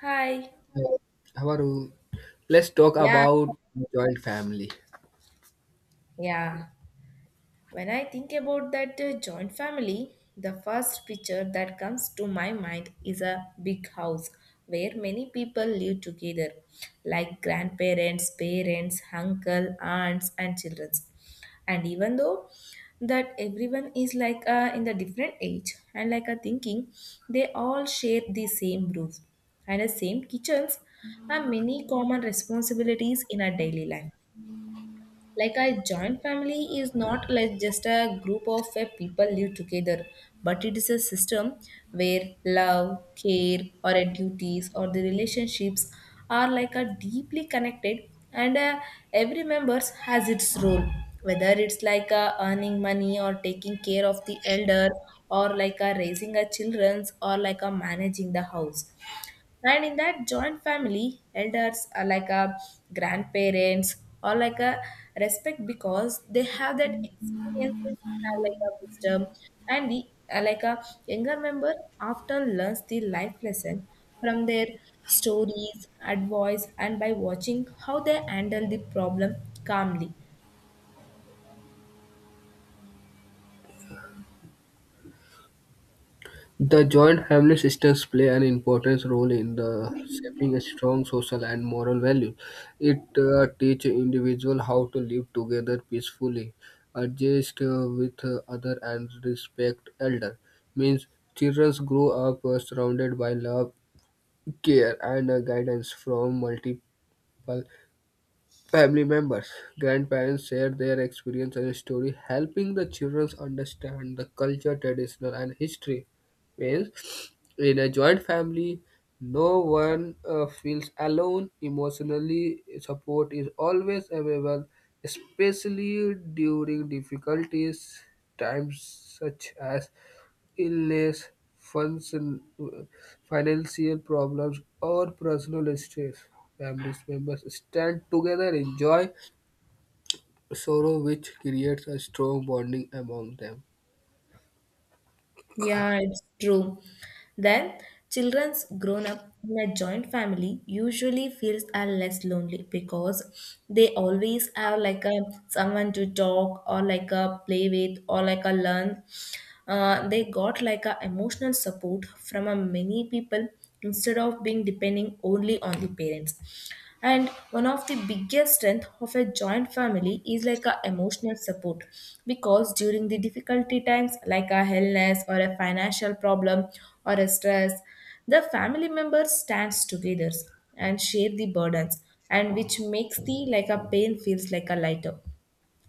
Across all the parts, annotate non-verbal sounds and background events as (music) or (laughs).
Hi. Uh, Havaru, let's talk Yeah. about joint family. Yeah. When I think about that joint family, the first picture that comes to my mind is a big house where many people live together, like grandparents, parents, uncle, aunts, and children. And even though that everyone is like in the different age and like a thinking, they all share the same roof and the same kitchens and many common responsibilities in our daily life. Like a joint family is not like just a group of people live together, but it is a system where love care or duties or the relationships are like a deeply connected, and every member has its role, whether it's like earning money or taking care of the elder or like raising a children's or like managing the house. And in that joint family elders are like a grandparents or like a respect because they have that experiences, have like a wisdom, and the like a younger member often learns the life lesson from their stories, advice, and by watching how they handle the problem calmly. The joint family systems play an important role in the shaping a strong social and moral value. It teaches individual how to live together peacefully, adjust with other and respect elder. Means children grow up surrounded by love, care, and guidance from multiple Family members, grandparents share their experience and story, helping the children understand the culture, traditional, and history. Means, in a joint family, no one feels alone emotionally. Support is always available, especially during difficulties times such as illness, function, financial problems, or personal stress. Family members stand together, enjoy sorrow, which creates a strong bonding among them. Yeah, it's true. Then children's grown up in a joint family usually feels are less lonely because they always have like a someone to talk or like a play with or like a learn. They got like a emotional support from a many people instead of being depending only on the parents. And one of the biggest strength of a joint family is like a emotional support, because during the difficulty times like a illness or a financial problem or a stress, the family members stands together and share the burdens, and which makes the like a pain feels like a lighter.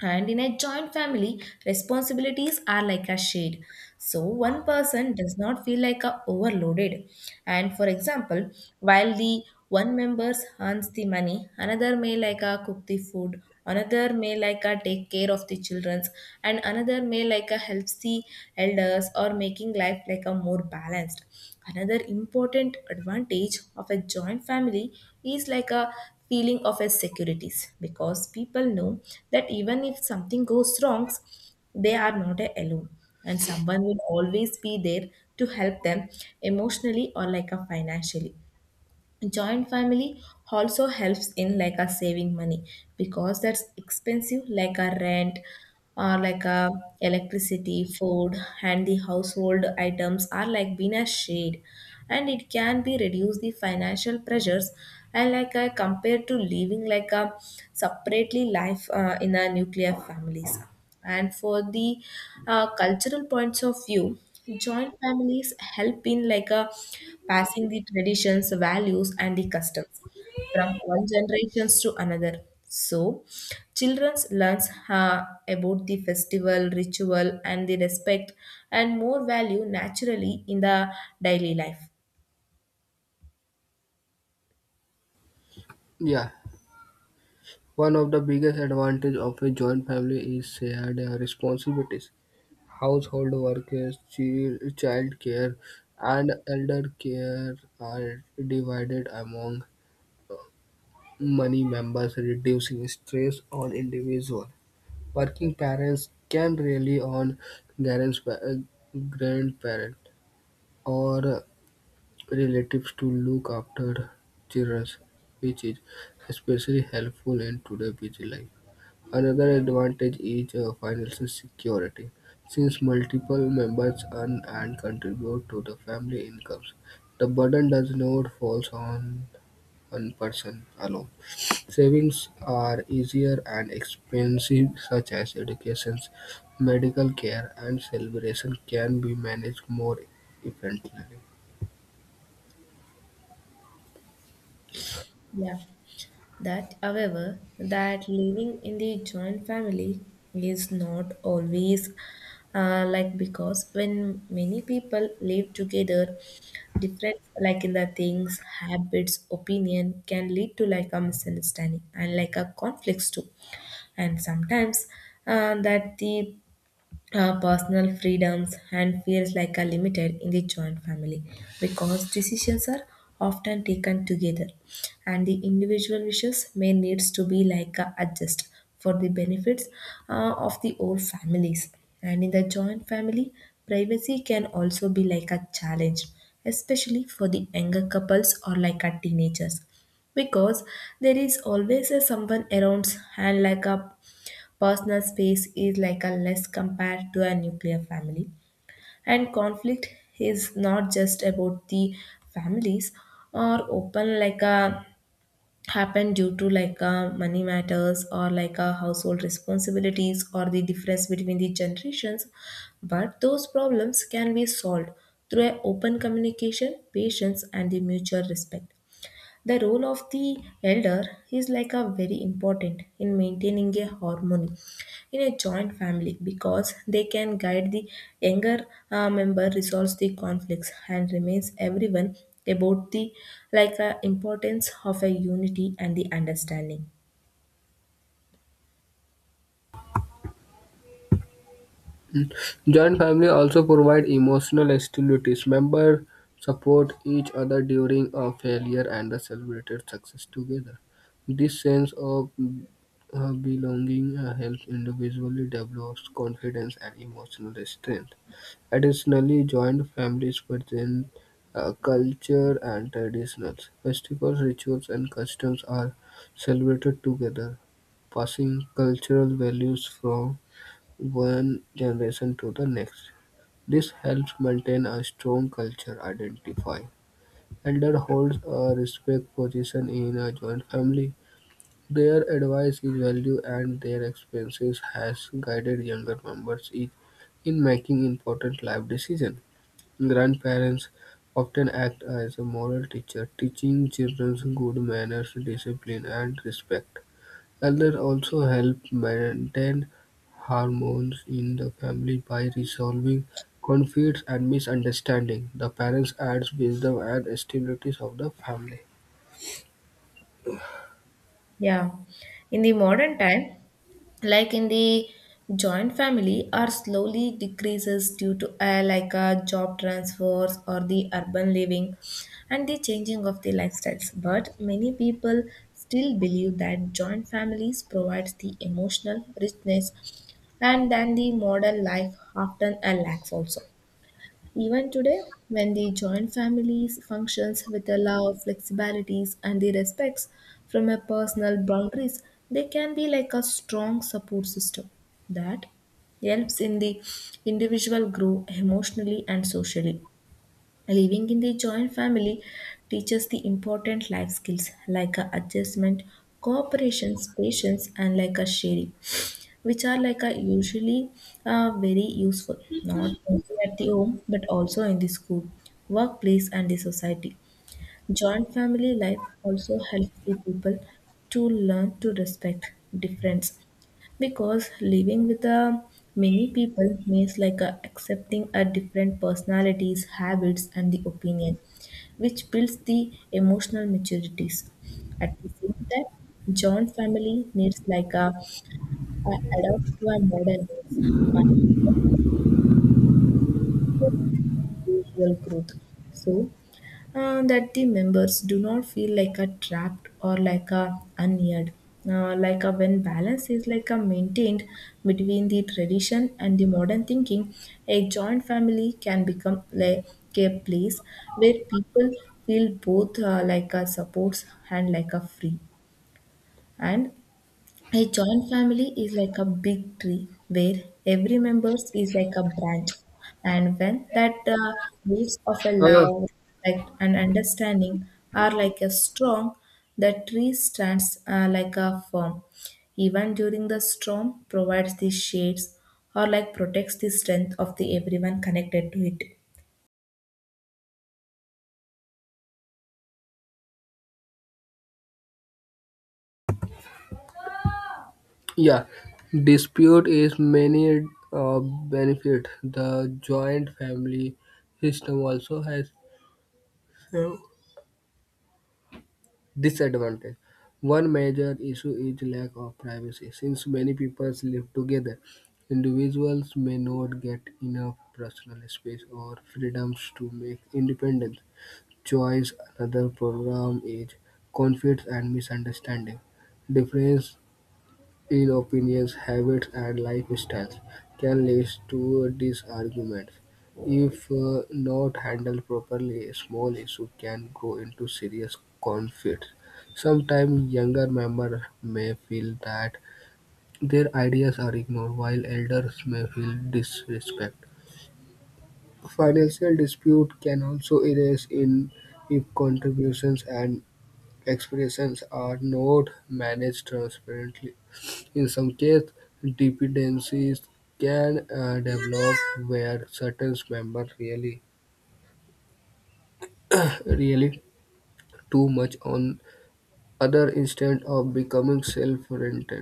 And in a joint family, responsibilities are like a shade. So one person does not feel like a overloaded. And for example, while the one member earns the money, another may like a cook the food, another may like a take care of the children, and another may like a helps the elders, or making life like a more balanced. Another important advantage of a joint family is like a feeling of as securities, because people know that even if something goes wrong, they are not alone and someone will always be there to help them emotionally or like a financially. Joint family also helps in like a saving money because that's expensive like a rent or like a electricity food and the household items are like being a shade, and it can be reduce the financial pressures and like a compared to living like a separately life in a nuclear families. And for the cultural points of view, joint families help in like a passing the traditions, values, and the customs from one generation to another. So, children learn about the festival, ritual, and the respect, and more value naturally in the daily life. Yeah, one of the biggest advantages of a joint family is shared responsibilities. Household workers, child care, and elder care are divided among many members, reducing stress on individual. Working parents can rely on grand's- pa- uh, grandparent, or relatives to look after children, which is especially helpful in today's busy life. Another advantage is financial security. Since multiple members earn and contribute to the family incomes, the burden does not fall on one person alone. Savings are easier and expensive, such as education, medical care, and celebration, can be managed more effectively. Yeah. That however that living in the joint family is not always like, because when many people live together, different like in the things habits opinion can lead to like a misunderstanding and like a conflicts too. And sometimes that the our personal freedoms and feels like are limited in the joint family because decisions are often taken together and the individual wishes may needs to be like a adjust for the benefits of the whole families. And in the joint family, privacy can also be like a challenge, especially for the younger couples or like a teenagers, because there is always a someone around and like a personal space is like a less compared to a nuclear family. And conflict is not just about the families or open like a happen due to like a money matters or like a household responsibilities or the difference between the generations, but those problems can be solved through a open communication, patience, and the mutual respect. The role of the elder is like a very important in maintaining a harmony in a joint family because they can guide the younger member, resolves the conflicts, and remains everyone about the like importance of a unity and the understanding. Mm. Joint family also provide emotional stabilities. Members support each other during a failure and the celebrated success together. This sense of belonging helps individually develop confidence and emotional strength. Additionally, joint families within a culture and traditions, festivals, rituals, and customs are celebrated together, passing cultural values from one generation to the next. This helps maintain a strong culture identity. Elder holds a respect position in a joint family. Their advice is valued and their experiences has guided younger members in making important life decisions. Grandparents often act as a moral teacher, teaching children good manners, discipline, and respect. Elders also help maintain harmony in the family by resolving conflicts and misunderstandings. The parents add wisdom and stability of the family. Yeah, in the modern time, like in the joint family, are slowly decreases due to like job transfers or the urban living and the changing of the lifestyles. But many people still believe that joint families provides the emotional richness and then the modern life often a lacks also. Even today, when the joint families functions with the love, flexibilities, and the respects from a personal boundaries, they can be like a strong support system that helps in the individual grow emotionally and socially. Living in the joint family teaches the important life skills like a adjustment, cooperation, patience, and like a sharing, which are like a usually very useful not only at the home but also in the school, workplace, and the society. Joint family life also helps the people to learn to respect difference because living with a many people means like a accepting a different personalities, habits, and the opinion, which builds the emotional maturities. At the same time, joint family needs like a adapt to our modern needs by usual growth. So that the members do not feel like a trapped or like a unneared. Like a when balance is like a maintained between the tradition and the modern thinking, a joint family can become like a place where people feel both like a supports and like a free. And a joint family is like a big tree where every member is like a branch. And when that roots of a Uh, love, respect, and understanding are like a strong, the tree stands like a firm. Even during the storm, provides the shades or like protects the strength of the everyone connected to it. yeah, dispute is many benefit. The joint family system also has uh, Disadvantage One major issue is lack of privacy. Since many people live together, individuals may not get enough personal space or freedoms to make independent choice. Another problem is conflicts and misunderstanding. Different Ill opinions, habits, and lifestyles can lead to disagreements. If not handled properly, small issues can grow into serious conflicts. Sometimes younger members may feel that their ideas are ignored, while elders may feel disrespect. Financial dispute can also arise in if contributions and expressions are not managed transparently. In some cases, dependencies can develop where certain members really (laughs) rely too much on other instead of becoming self-reliant.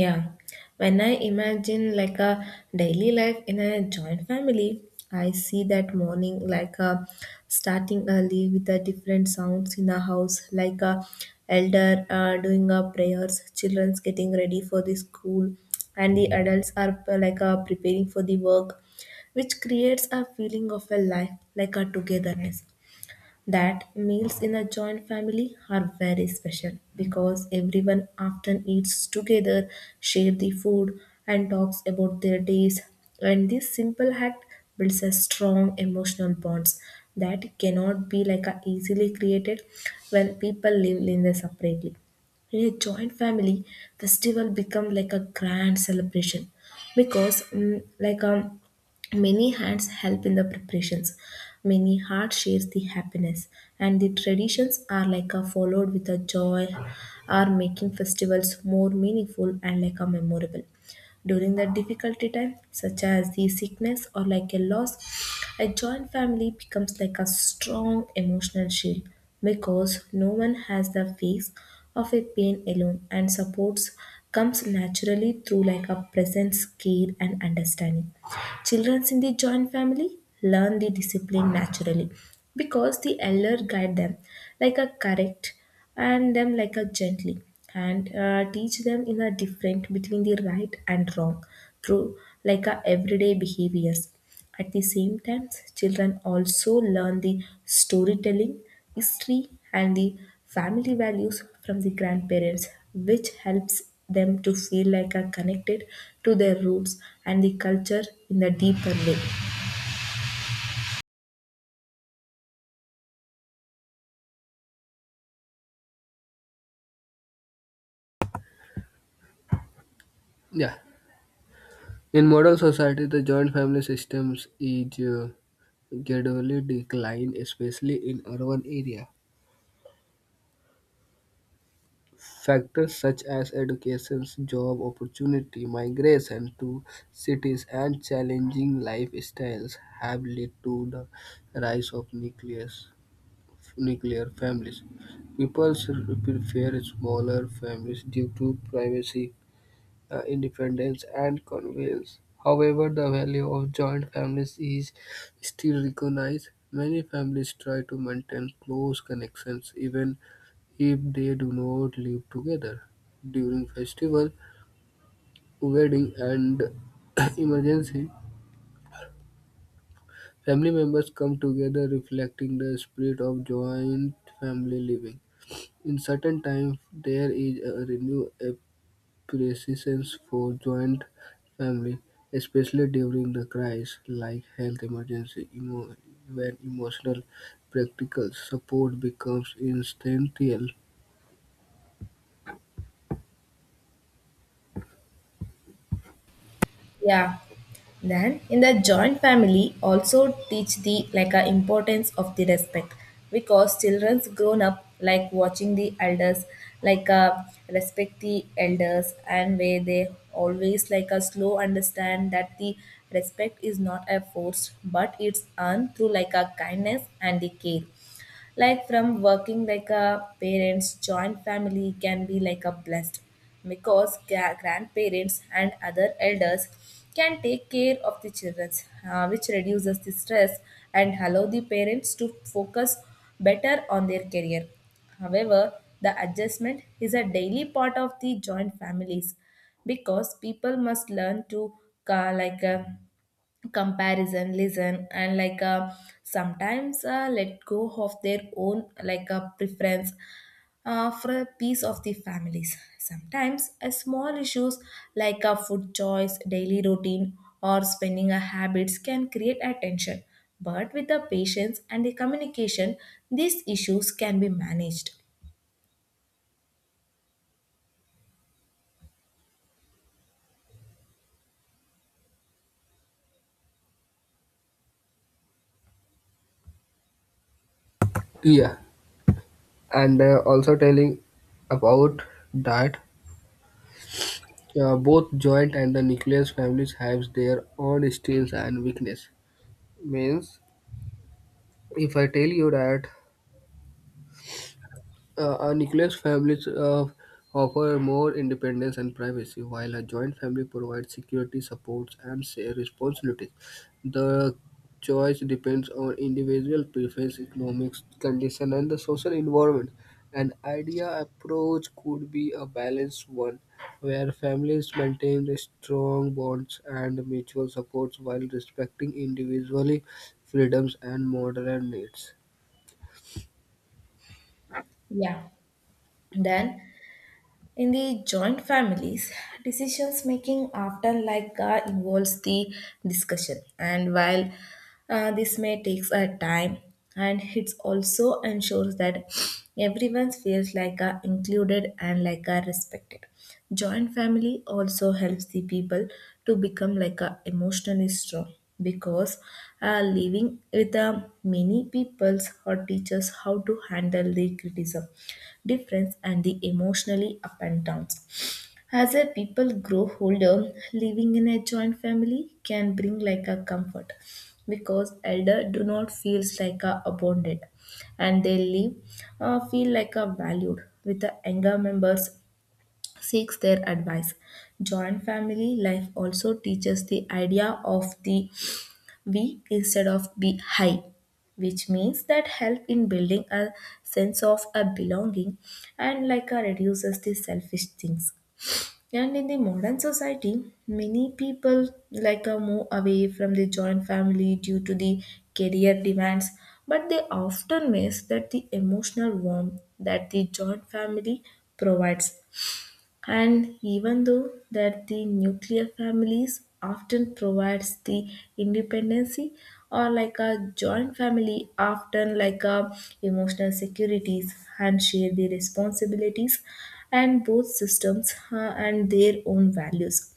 Yeah, when I imagine like a daily life in a joint family, I see that morning like a starting early with the different sounds in the house, like a elder doing a prayers, childrens getting ready for the school, and the adults are like preparing for the work, which creates a feeling of a life like a togetherness. That meals in a joint family are very special because everyone often eats together, share the food, and talks about their days. And this simple act builds a strong emotional bonds that cannot be like a easily created when people live in the separately. In a joint family, festival become like a grand celebration because many hands help in the preparations, many hearts shares the happiness, and the traditions are like a followed with a joy, are making festivals more meaningful and like a memorable. During the difficulty time, such as the sickness or like a loss, a joint family becomes like a strong emotional shield because no one has the face of a pain alone, and supports comes naturally through like a presence, care, and understanding. Children in the joint family learn the discipline naturally because the elder guide them like a correct and them like a gently, and teach them in a different between the right and wrong through like a everyday behaviors. At the same time, children also learn the storytelling, history, and the family values from the grandparents, which helps them to feel like a connected to their roots and the culture in a deeper way. Yeah. In modern society, the joint family systems is gradually decline, especially in urban area. Factors such as education, job opportunity, migration to cities, and challenging lifestyles have led to the rise of nuclear families. People prefer smaller families due to privacy, independence, and convenience. However, the value of joint families is still recognized. Many families try to maintain close connections even if they do not live together. During festival, wedding, and (coughs) (clears throat) emergency, family members come together reflecting the spirit of joint family living. In certain times, there is a renewed appreciation for joint family, especially during the crisis like health emergency, when emotional practical support becomes instantaneous. Yeah. Then in the joint family also teach the like a importance of the respect because children's grown up like watching the elders like respect the elders, and where they always like a slow understand that the respect is not a force but it's earned through like a kindness and the care. Like from working like a parents, joint family can be like a blessed because grandparents and other elders can take care of the children, which reduces the stress and allow the parents to focus better on their career. However, the adjustment is a daily part of the joint families because people must learn to like comparison, listen, and like sometimes let go of their own like a preference for a piece of the families. Sometimes a small issues like a food choice, daily routine, or spending a habits can create attention, but with the patience and the communication these issues can be managed. Yeah. And also telling about that both joint and the nucleus families have their own strengths and weakness means if I tell you that a nuclear family offer more independence and privacy, while a joint family provides security, supports, and shared responsibilities. The choice depends on individual preference, economic condition, and the social environment. An idea approach could be a balanced one, where families maintain the strong bonds and mutual supports while respecting individually freedoms and moderate needs. Yeah, then in the joint families, decisions making often like involves the discussion, and while this may take a time, and it also ensures that everyone feels like included and like respected. Joint family also helps the people to become like emotionally strong because living with many peoples or teaches how to handle the criticism, difference, and the emotionally up and downs. As a people grow older, living in a joint family can bring like a comfort because elder do not feels like a abandoned and they live, feel like a valued with the younger members seeks their advice. Joint family life also teaches the idea of the we instead of be high, which means that help in building a sense of a belonging and like a reduces the selfish things. And in the modern society many people like a move away from the joint family due to the career demands, but they often miss that the emotional warmth that the joint family provides. And even though that the nuclear families often provides the independency, or like a joint family often like a emotional securities and share the responsibilities, and both systems and their own values.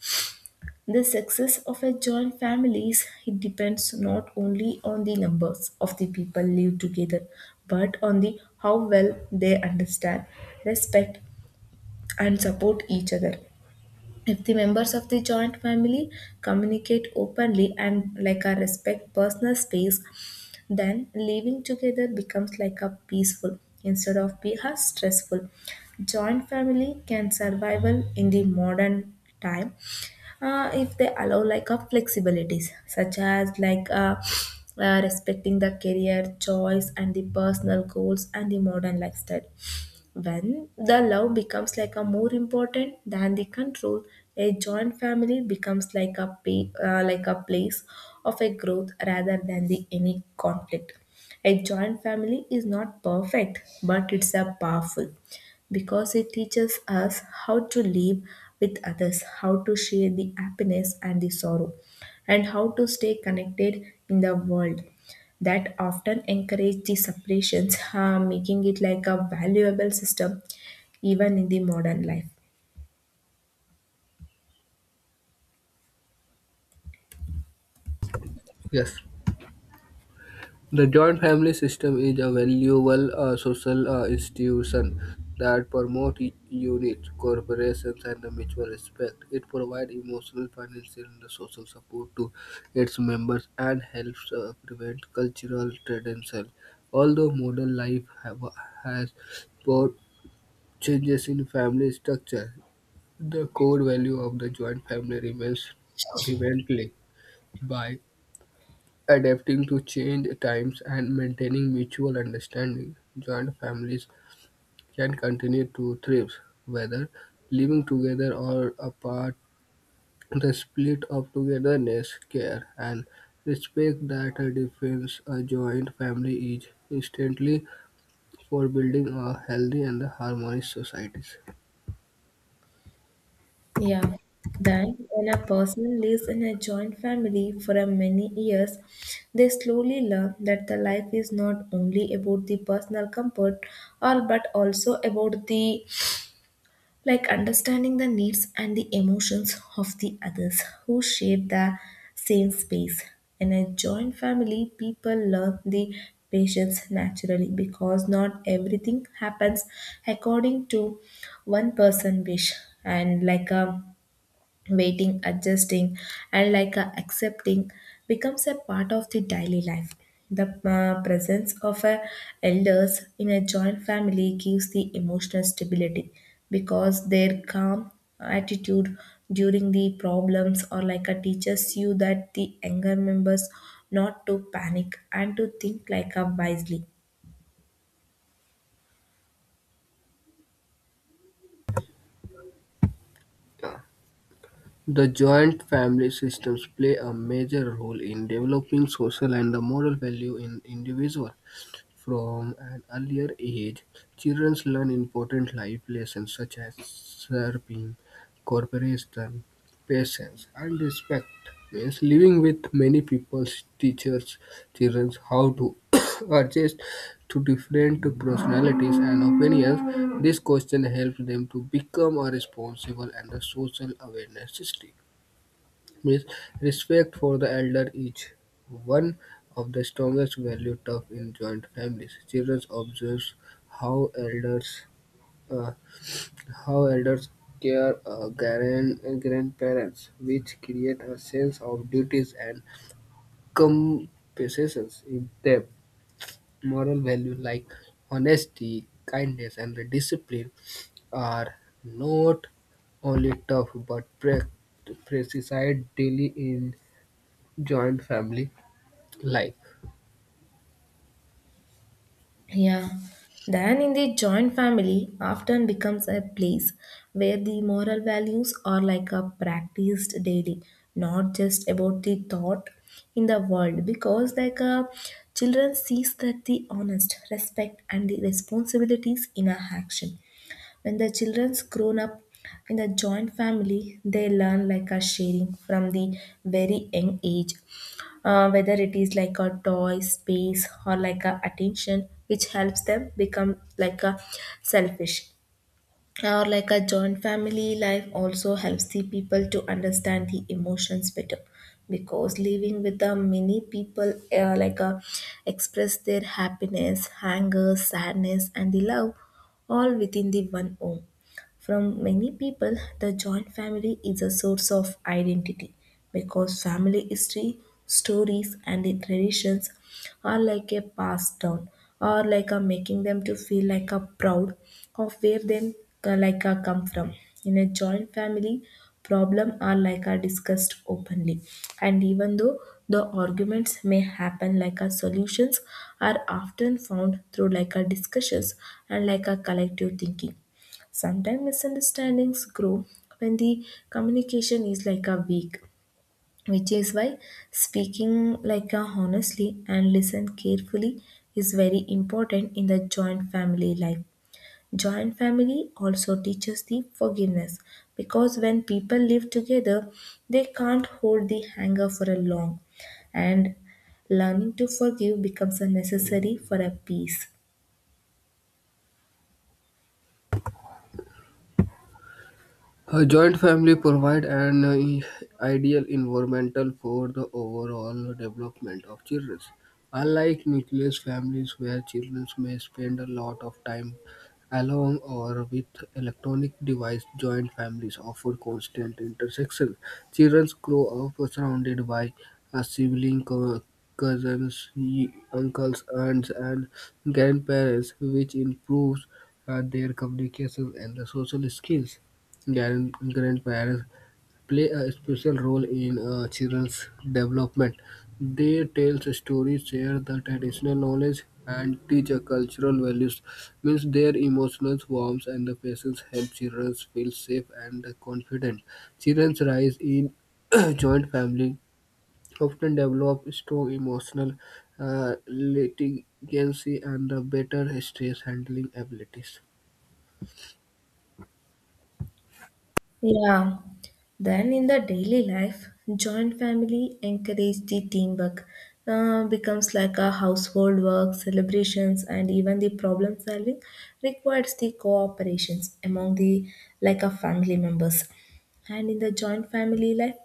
The success of a joint families it depends not only on the numbers of the people live together, but on the how well they understand, respect and support each other. If the members of the joint family communicate openly and like a respect personal space, then living together becomes like a peaceful instead of be a stressful. Joint family can survival in the modern time if they allow like a flexibilities such as respecting the career choice and the personal goals and the modern lifestyle. When the love becomes like a more important than the control, a joint family becomes like a like a place of a growth rather than the any conflict. A joint family is not perfect, but it's a powerful because it teaches us how to live with others, how to share the happiness and the sorrow, and how to stay connected in the world that often encourage the separations, making it like a valuable system even in the modern life. Yes. The joint family system is a valuable social institution that promotes unity, cooperation, and the mutual respect. It provides emotional, financial, and social support to its members and helps prevent cultural tradition. Although modern life has brought changes in family structure, the core value of the joint family remains remained by Adapting to change times and maintaining mutual understanding, joint families can continue to thrive, whether living together or apart. The spirit of togetherness, care, and respect that defines a joint family is instantly for building a healthy and harmonious societies. Yeah. Then, when a person lives in a joint family for a many years, they slowly learn that the life is not only about the personal comfort, or but also about the like understanding the needs and the emotions of the others who share the same space. In a joint family, people learn the patience naturally because not everything happens according to one person wish and like a waiting, adjusting, and like a accepting becomes a part of the daily life. The presence of a elders in a joint family gives the emotional stability because their calm attitude during the problems or like a teaches you that the younger members not to panic and to think like a wisely. The joint family systems play a major role in developing social and the moral value in individual. From an earlier age, children learn important life lessons such as serving, cooperation, patience, and respect. Yes, living with many people teaches children how to (coughs) adjust to different personalities and opinions. This question helps them to become a responsible and a social awareness system. Means respect for the elder is one of the strongest values taught in joint families. Children observe how elders uh, how elders care grandparents, which create a sense of duties and compensations in them. Moral values like honesty, kindness, and the discipline are not only tough but precised daily in joint family life. Yeah. Then in the joint family often becomes a place where the moral values are like a practiced daily, not just about the thought in the world because like a children sees that the honest respect and the responsibilities in a action. When the children's grown up in a joint family, they learn like a sharing from the very young age. Whether it is like a toy, space, or like a attention, which helps them become like a selfish. Or like a joint family life also helps the people to understand the emotions better because living with the many people express their happiness, anger, sadness, and the love all within the one home. From many people, the joint family is a source of identity because family history, stories, and the traditions are like a passed down, or like a making them to feel like a proud of where them like a come from. In a joint family, problem are like are discussed openly, and even though the arguments may happen like a solutions are often found through like a discussions and like a collective thinking. Sometimes misunderstandings grow when the communication is like a weak, which is why speaking like a honestly and listen carefully is very important in the joint family life. Joint family also teaches the forgiveness because when people live together, they can't hold the anger for a long, and learning to forgive becomes a necessary for a peace. A joint family provide an ideal environmental for the overall development of children. Unlike nucleus families where children may spend a lot of time Along or with electronic device, joint families offer constant intersection. Children grow up surrounded by siblings, cousins, uncles, aunts, and grandparents, which improves their communication and the social skills. Grandparents play a special role in children's development. They tell stories, share the traditional knowledge, and teach a cultural values. Means their emotional warmth and the patience help children feel safe and confident. Children rise in (coughs) (clears throat) joint family often develop strong emotional literacy and the better stress handling abilities. Yeah. Then in the daily life, joint family encourage the teamwork. Becomes like a household work, celebrations, and even the problem solving requires the cooperations among the like a family members. And in the joint family life,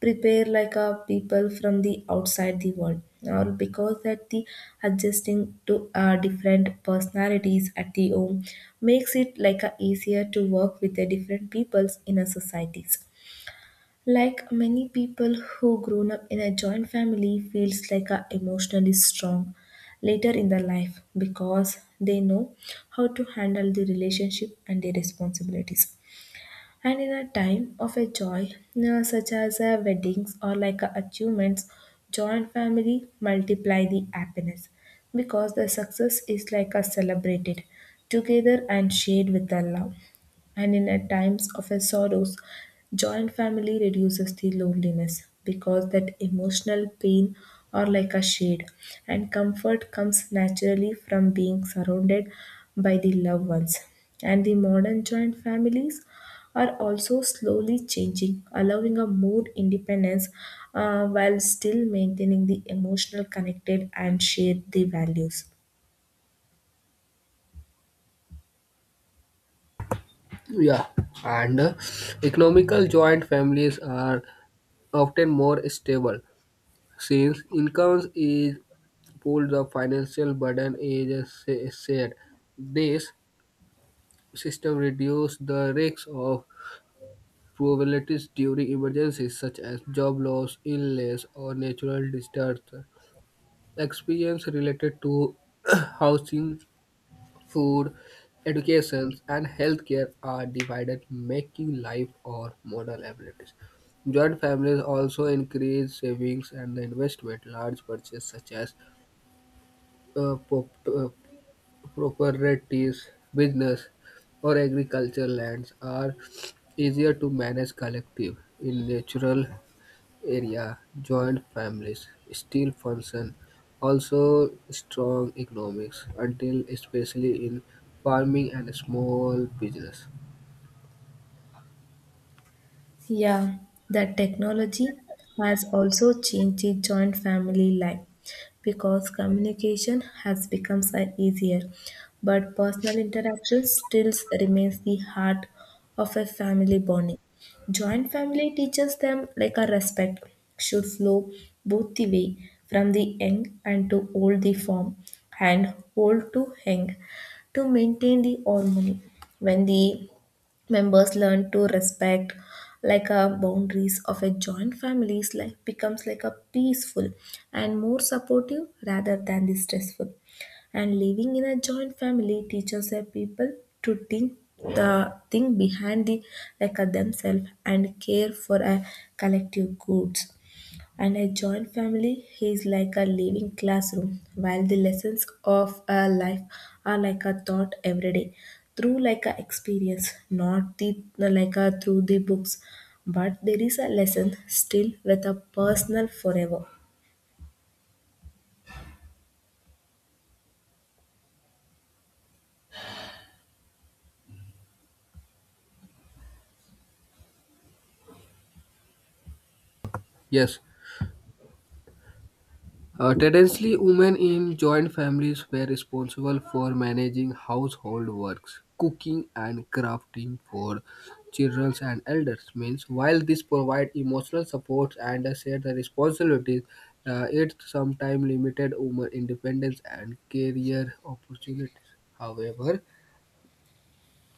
prepare like a people from the outside the world, or because that the adjusting to different personalities at the home makes it like a easier to work with the different peoples in a societies. Like many people who grown up in a joint family feels like a emotionally strong later in their life because they know how to handle the relationship and the responsibilities, and in a time of a joy such as weddings or achievements, joint family multiply the happiness because the success is like a celebrated together and shared with the love. And in at times of a sorrows, joint family reduces the loneliness because that emotional pain are like a shade, and comfort comes naturally from being surrounded by the loved ones. And the modern joint families are also slowly changing, allowing a more independence while still maintaining the emotional connected and shared the values. Yeah, and economical joint families are often more stable since incomes is pooled, the financial burden is shared. This system reduces the risks of probabilities during emergencies such as job loss, illness, or natural disasters. Experience related to (clears throat) housing Food, education, and healthcare are divided, making life or modal abilities. Joint families also increase savings and investment. Large purchases such as uh, pop- uh, properties, business, or agricultural lands are easier to manage collective in natural area, joint families still function, also strong economics until especially in farming and small business. Yeah, that technology has also changed the joint family life because communication has become so easier, but personal interaction still remains the heart of a family bonding. Joint family teaches them like a respect should flow both the way from the young and to old the form and old to young to maintain the harmony. When the members learn to respect like a boundaries of a joint family's life becomes like a peaceful and more supportive rather than the stressful. And living in a joint family teaches a people to think the thing behind the like a themselves and care for a collective goods. And a joint family is like a living classroom while the lessons of a life are like a thought every day through like a experience, not the like a through the books, but there is a lesson still with a personal forever. Yes, traditionally, women in joint families were responsible for managing household works, cooking, and crafting for children and elders. Means, while this provide emotional support and shared responsibilities, it sometimes limited women independence and career opportunities. However,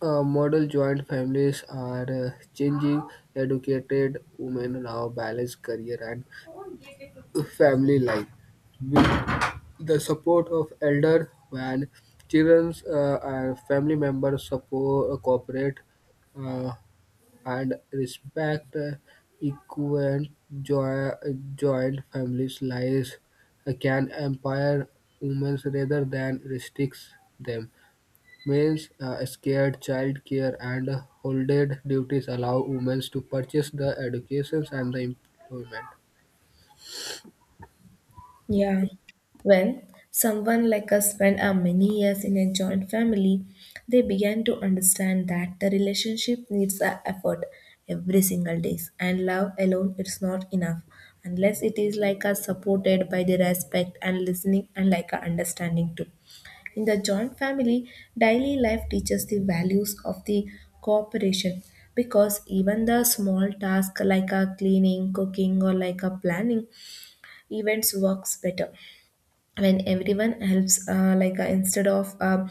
model joint families are changing. Educated women now balance career and family life with the support of elders when children and family members support cooperate uh, and respect equal joy, joint families lives can empower women rather than restricts them means scared child care and holded duties allow women to purchase the educations and the employment Yeah. When someone like us spent our many years in a joint family, they began to understand that the relationship needs a effort every single day, and love alone is not enough unless it is like us supported by the respect and listening and like a understanding too. In the joint family, daily life teaches the values of the cooperation because even the small task like a cleaning, cooking or like a planning events works better when everyone helps, instead of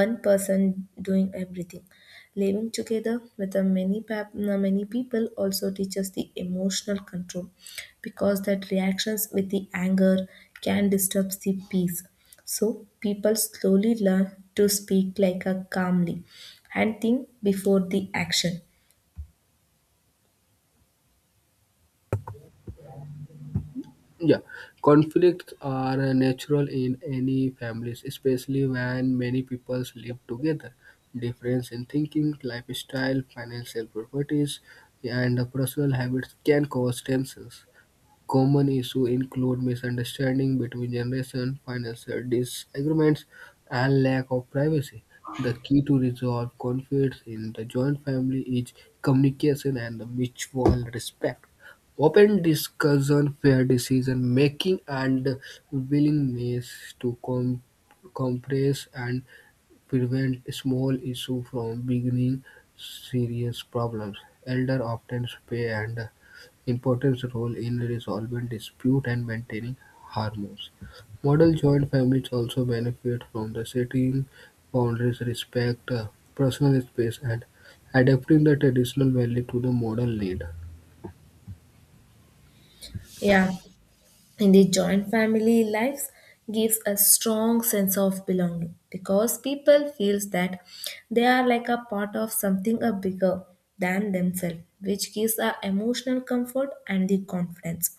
one person doing everything. Living together with the many many people also teaches the emotional control because that reactions with the anger can disturb the peace, so people slowly learn to speak like a calmly and think before the action. Yeah, conflicts are natural in any families, especially when many peoples live together. Difference in thinking, lifestyle, financial properties, and personal habits can cause tensions. Common issues include misunderstanding between generations, financial disagreements, and lack of privacy. The key to resolve conflicts in the joint family is communication and mutual respect. Open discussion, fair decision making, and willingness to compress and Prevent small issues from becoming serious problems. Elders often play an important role in resolving dispute and maintaining harmony. Model joint families also benefit from the setting boundaries, respect, personal space, and adapting the traditional value to the modern need. Yeah, in the joint family lives gives a strong sense of belonging because people feels that they are like a part of something a bigger than themselves, which gives a emotional comfort and the confidence.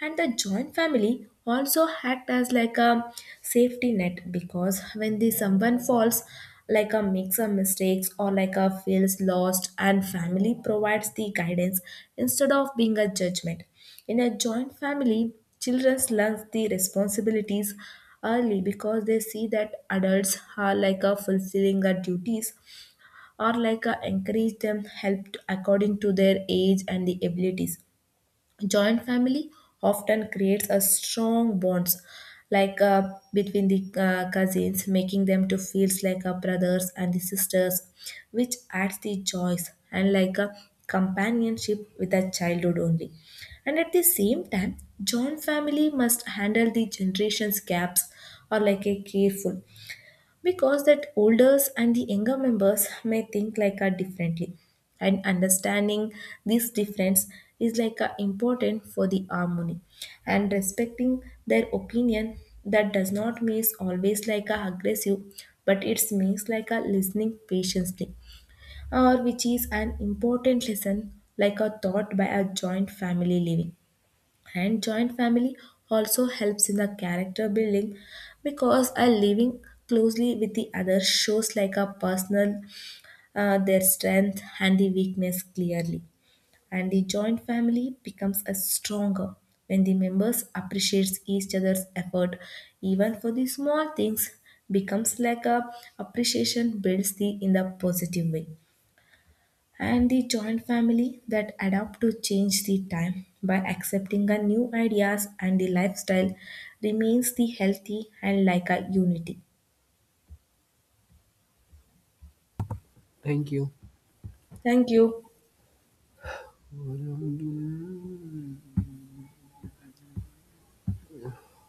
And the joint family also act as like a safety net because when the someone falls like a makes a mistakes or like a feels lost, and family provides the guidance instead of being a judgment. In a joint family, children learn the responsibilities early because they see that adults are like a fulfilling their duties, or like a encourage them help according to their age and the abilities. Joint family often creates a strong bonds between the cousins, making them to feels like a brothers and the sisters, which adds the joys and like a companionship with a childhood only. And at the same time, joint family must handle the generations gaps or like a careful because that olders and the younger members may think like a differently, and understanding this difference is like a important for the harmony. And respecting their opinion that does not means always like a aggressive, but it means like a listening patiently, or which is an important lesson like a thought by a joint family living. And joint family also helps in the character building because a living closely with the other shows like a personal their strength and the weakness clearly. And the joint family becomes a stronger when the members appreciates each other's effort even for the small things becomes like a appreciation builds the in the positive way. And the joint family that adapt to change the time by accepting a new ideas and the lifestyle remains the healthy and like a unity. Thank you. Thank you.